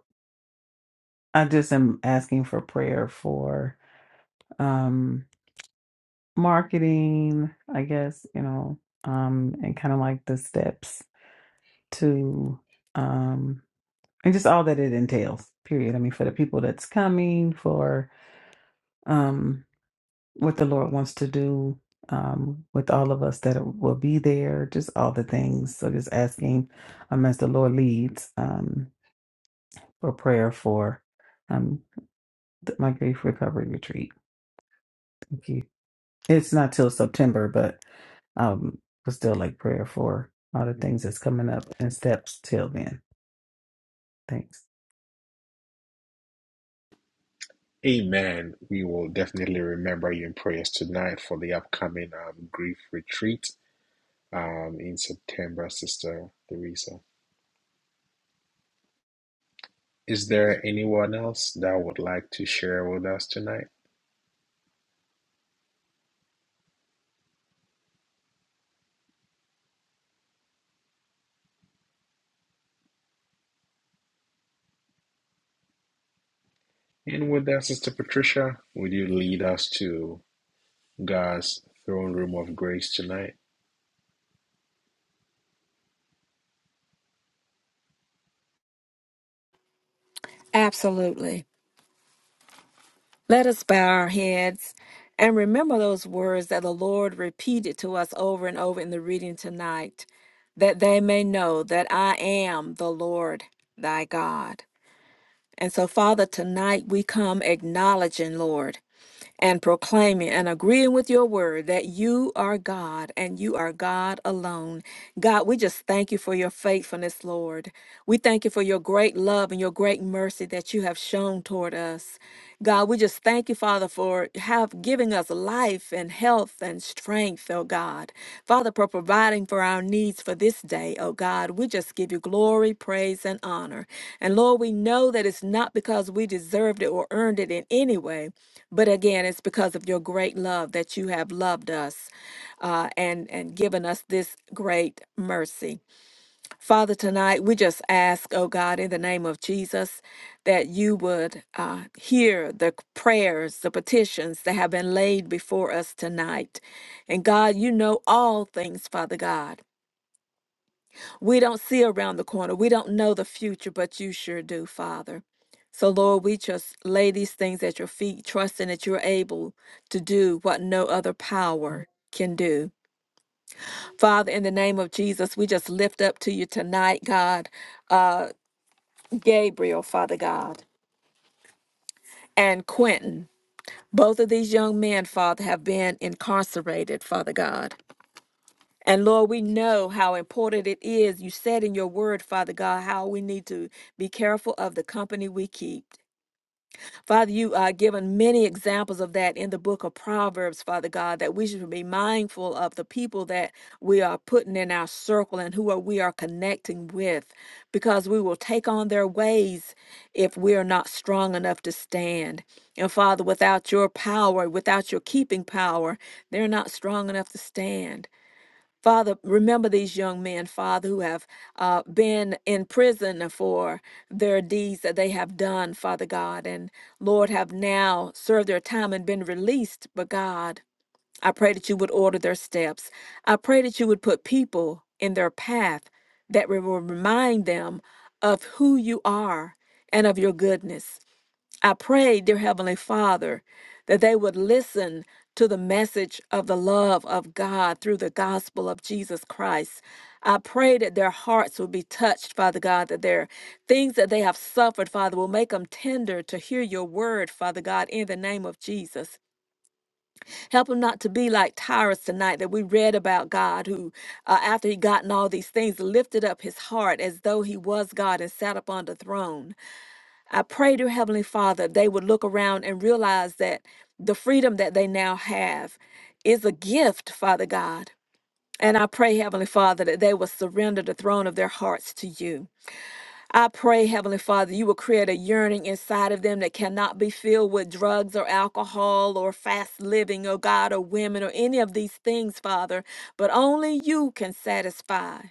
I just am asking for prayer for um marketing, I guess, you know, um, and kind of like the steps to um and just all that it entails period i mean for the people that's coming for um what the lord wants to do um with all of us that will be there just all the things so just asking um as the lord leads um for prayer for um th- my grief recovery retreat thank you it's not till september but um but still like prayer for all the things that's coming up and steps till then thanks
Amen. We will definitely remember you in prayers tonight for the upcoming um, grief retreat um, in September, Sister Theresa. Is there anyone else that would like to share with us tonight? And with that, Sister Patricia, would you lead us to God's throne room of grace tonight?
Absolutely. Let us bow our heads and remember those words that the Lord repeated to us over and over in the reading tonight that they may know that I am the Lord thy God. And so, Father, tonight we come acknowledging, Lord. and proclaiming and agreeing with your word that you are God and you are God alone. God, we just thank you for your faithfulness, Lord. We thank you for your great love and your great mercy that you have shown toward us. God, we just thank you, Father, for have giving us life and health and strength, oh God. Father, for providing for our needs for this day, oh God. We just give you glory, praise, and honor. And Lord, we know that it's not because we deserved it or earned it in any way, but again, it's because of your great love that you have loved us uh, and, and given us this great mercy. Father, tonight we just ask, oh God, in the name of Jesus, that you would uh, hear the prayers, the petitions that have been laid before us tonight. And God, you know all things, Father God. We don't see around the corner. We don't know the future, but you sure do, Father. So, Lord, we just lay these things at your feet, trusting that you're able to do what no other power can do. Father, in the name of Jesus, we just lift up to you tonight, God, uh, Gabriel, Father God, and Quentin. Both of these young men, Father, have been incarcerated, Father God. And Lord, we know how important it is. You said in your word, Father God, how we need to be careful of the company we keep. Father, you are given many examples of that in the book of Proverbs, Father God, that we should be mindful of the people that we are putting in our circle and who are, we are connecting with, because we will take on their ways if we are not strong enough to stand. And Father, without your power, without your keeping power, they're not strong enough to stand. Father, remember these young men, Father, who have uh, been in prison for their deeds that they have done, Father God, and Lord, have now served their time and been released. But God, I pray that you would order their steps. I pray that you would put people in their path that will remind them of who you are and of your goodness. I pray, dear Heavenly Father, that they would listen to the message of the love of God through the gospel of Jesus Christ. I pray that their hearts will be touched, Father God, that their things that they have suffered, Father, will make them tender to hear your word, Father God, in the name of Jesus. Help them not to be like Tyrus tonight that we read about God, who, uh, after he gotten all these things, lifted up his heart as though he was God and sat upon the throne. I pray, dear Heavenly Father, they would look around and realize that the freedom that they now have is a gift, Father God. And I pray, Heavenly Father, that they will surrender the throne of their hearts to you. I pray, Heavenly Father, you will create a yearning inside of them that cannot be filled with drugs or alcohol or fast living, or God, or women, or any of these things, Father, but only you can satisfy.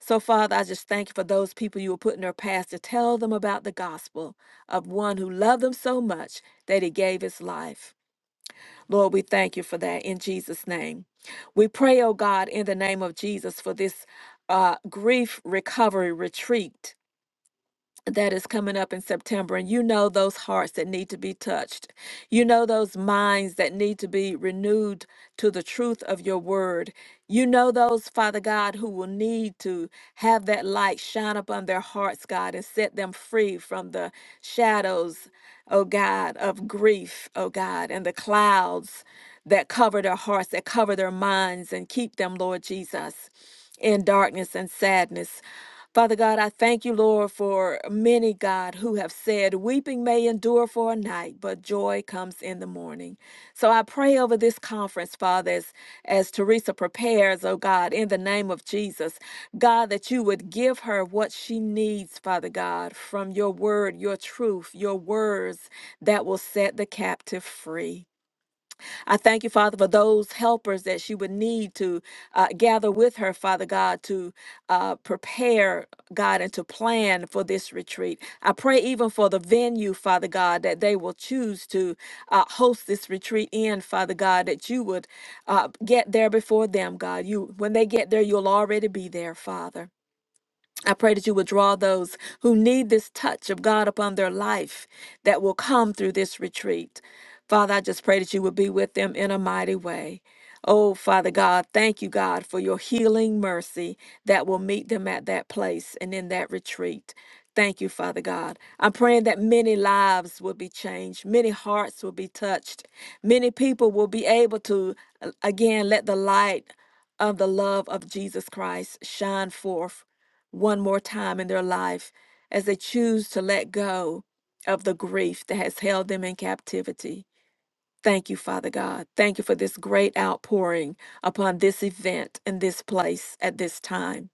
So, Father, I just thank you for those people you will put in their path to tell them about the gospel of one who loved them so much that he gave his life. Lord, we thank you for that in Jesus' name. We pray, oh God, in the name of Jesus for this uh, grief recovery retreat that is coming up in September, and you know those hearts that need to be touched. You know those minds that need to be renewed to the truth of your word. You know those, Father God, who will need to have that light shine upon their hearts, God, and set them free from the shadows, oh God, of grief, oh God, and the clouds that cover their hearts, that cover their minds, and keep them, Lord Jesus, in darkness and sadness. Father God, I thank you, Lord, for many, God, who have said, Weeping may endure for a night, but joy comes in the morning. So I pray over this conference, Father, as, as Teresa prepares, oh God, in the name of Jesus, God, that you would give her what she needs, Father God, from your word, your truth, your words that will set the captive free. I thank you, Father, for those helpers that she would need to uh, gather with her, Father God, to uh, prepare, God, and to plan for this retreat. I pray even for the venue, Father God, that they will choose to uh, host this retreat in, Father God, that you would uh, get there before them, God. You, when they get there, you'll already be there, Father. I pray that you would draw those who need this touch of God upon their life that will come through this retreat. Father, I just pray that you would be with them in a mighty way. Oh, Father God, thank you, God, for your healing mercy that will meet them at that place and in that retreat. Thank you, Father God. I'm praying that many lives will be changed, many hearts will be touched, many people will be able to, uh, again, let the light of the love of Jesus Christ shine forth one more time in their life as they choose to let go of the grief that has held them in captivity. Thank you, Father God. Thank you for this great outpouring upon this event in this place at this time.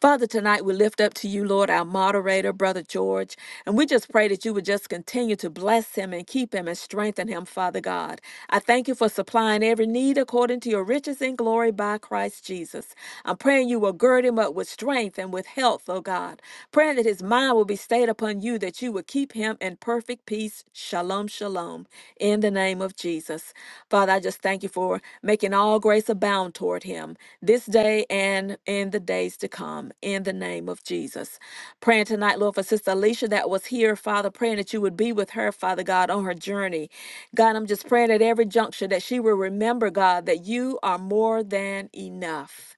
Father, tonight we lift up to you, Lord, our moderator, Brother George, and we just pray that you would just continue to bless him and keep him and strengthen him, Father God. I thank you for supplying every need according to your riches and glory by Christ Jesus. I'm praying you will gird him up with strength and with health, oh God. Praying that his mind will be stayed upon you, that you would keep him in perfect peace. Shalom, shalom shalom in the name of Jesus. Father, I just thank you for making all grace abound toward him this day and in the days to come in the name of Jesus. Praying tonight, Lord, for Sister Alicia that was here, Father, praying that you would be with her, Father God, on her journey. God, I'm just praying at every juncture that she will remember, God, that you are more than enough.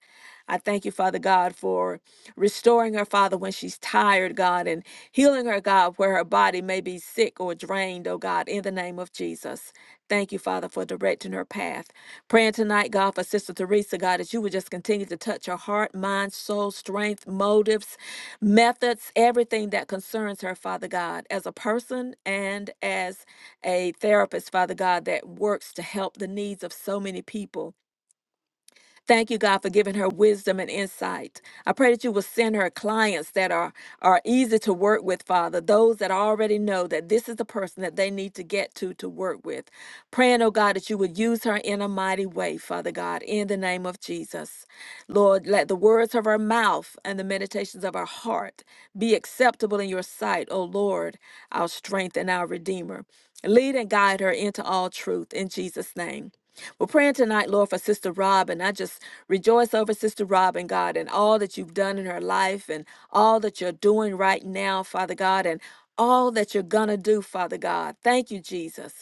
I thank you, Father God, for restoring her, Father, when she's tired, God, and healing her, God, where her body may be sick or drained, oh God, in the name of Jesus. Thank you, Father, for directing her path. Praying tonight, God, for Sister Teresa, God, that you would just continue to touch her heart, mind, soul, strength, motives, methods, everything that concerns her, Father God, as a person and as a therapist, Father God, that works to help the needs of so many people. Thank you, God, for giving her wisdom and insight. I pray that you will send her clients that are, are easy to work with, Father, those that already know that this is the person that they need to get to to work with. Praying, oh God, that you would use her in a mighty way, Father God, in the name of Jesus. Lord, let the words of her mouth and the meditations of her heart be acceptable in your sight, O Lord, our strength and our Redeemer. Lead and guide her into all truth in Jesus' name. We're praying tonight, Lord, for Sister Rob, and I just rejoice over Sister Rob and God and all that you've done in her life and all that you're doing right now, Father God, and all that you're gonna do, Father God. Thank you, Jesus.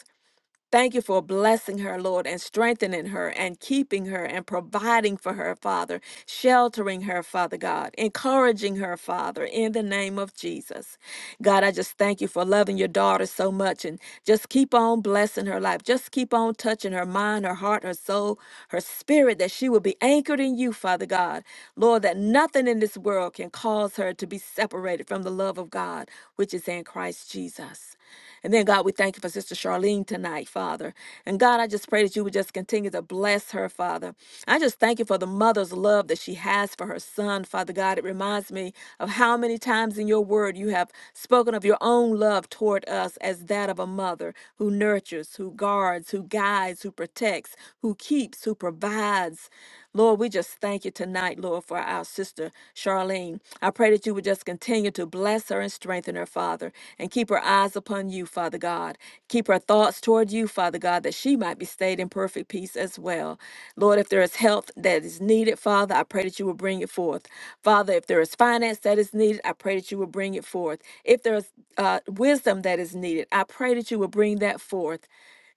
Thank you for blessing her, Lord, and strengthening her and keeping her and providing for her, Father, sheltering her, Father God, encouraging her, Father, in the name of Jesus. God, I just thank you for loving your daughter so much and just keep on blessing her life. Just keep on touching her mind, her heart, her soul, her spirit, that she will be anchored in you, Father God. Lord, that nothing in this world can cause her to be separated from the love of God, which is in Christ Jesus. And then, God, we thank you for Sister Charlene tonight, Father. And God, I just pray that you would just continue to bless her, Father. I just thank you for the mother's love that she has for her son, Father God. It reminds me of how many times in your word you have spoken of your own love toward us as that of a mother who nurtures, who guards, who guides, who protects, who keeps, who provides. Lord, we just thank you tonight, Lord, for our sister. Charlene. I pray that you would just continue to bless her and strengthen her, Father, and keep her eyes upon you, Father God. Keep her thoughts toward you, Father God, that she might be stayed in perfect peace as well. Lord, if there is health that is needed, Father, I pray that you will bring it forth. Father, if there is finance that is needed, I pray that you will bring it forth. If there is uh, wisdom that is needed, I pray that you will bring that forth.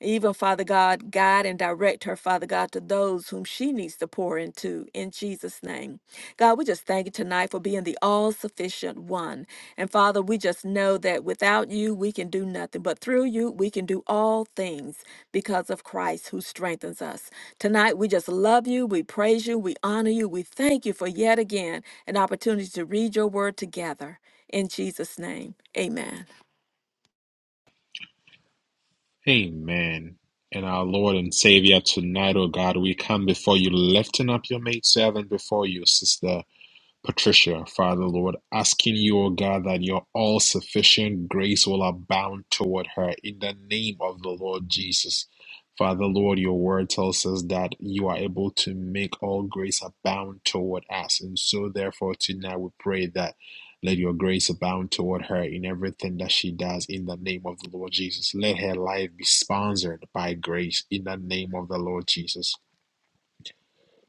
Even, Father God, guide and direct her, Father God, to those whom she needs to pour into in Jesus' name. God, we just thank you tonight for being the all sufficient one. And Father, we just know that without you, we can do nothing, but through you, we can do all things because of Christ who strengthens us. Tonight, we just love you, we praise you, we honor you, we thank you for yet again an opportunity to read your word together. In Jesus' name, amen.
Amen. And our Lord and Savior, tonight, oh God, we come before you, lifting up your maidservant before you, sister. Patricia, Father Lord, asking you, O God, that your all sufficient grace will abound toward her in the name of the Lord Jesus. Father Lord, your word tells us that you are able to make all grace abound toward us. And so, therefore, tonight we pray that let your grace abound toward her in everything that she does in the name of the Lord Jesus. Let her life be sponsored by grace in the name of the Lord Jesus.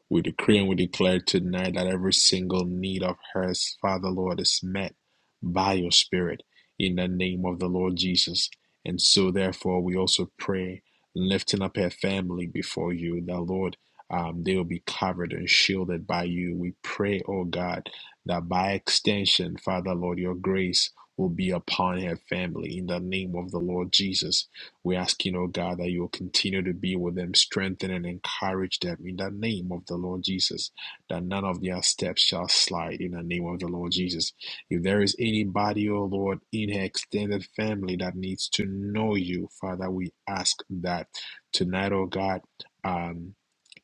We decree and we declare tonight that every single need of hers, Father Lord, is met by your Spirit in the name of the Lord Jesus. And so, therefore, we also pray, lifting up her family before you, that Lord, um, they will be covered and shielded by you. We pray, oh God, that by extension, Father Lord, your grace will be upon her family in the name of the Lord Jesus we ask you, oh God, that you will continue to be with them, strengthen and encourage them in the name of the Lord Jesus, that none of their steps shall slide in the name of the Lord Jesus. If there is anybody, oh Lord, in her extended family that needs to know you, Father, we ask that tonight, oh God, um,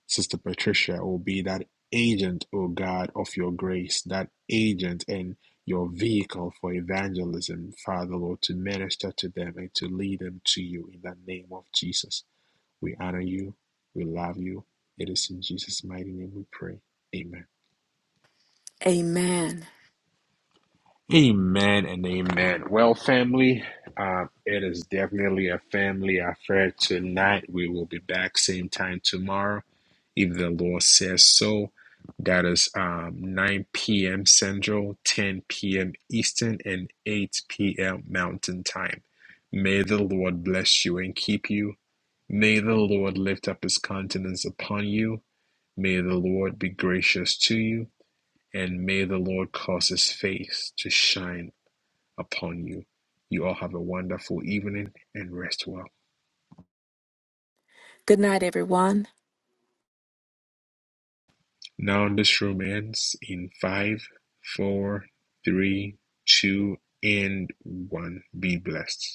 Sister Patricia will be that agent, O God, of your grace, that agent and your vehicle for evangelism, Father Lord, to minister to them and to lead them to you in the name of Jesus. We honor you. We love you. It is in Jesus' mighty name we pray. Amen.
Amen.
Amen and amen. Well, family, uh, it is definitely a family affair tonight. We will be back same time tomorrow, if the Lord says so. That is um, 9 p.m. Central, 10 p.m. Eastern, and 8 p.m. Mountain Time. May the Lord bless you and keep you. May the Lord lift up his countenance upon you. May the Lord be gracious to you. And may the Lord cause his face to shine upon you. You all have a wonderful evening and rest well.
Good night, everyone.
Now, this room ends in five, four, three, two, and one. Be blessed.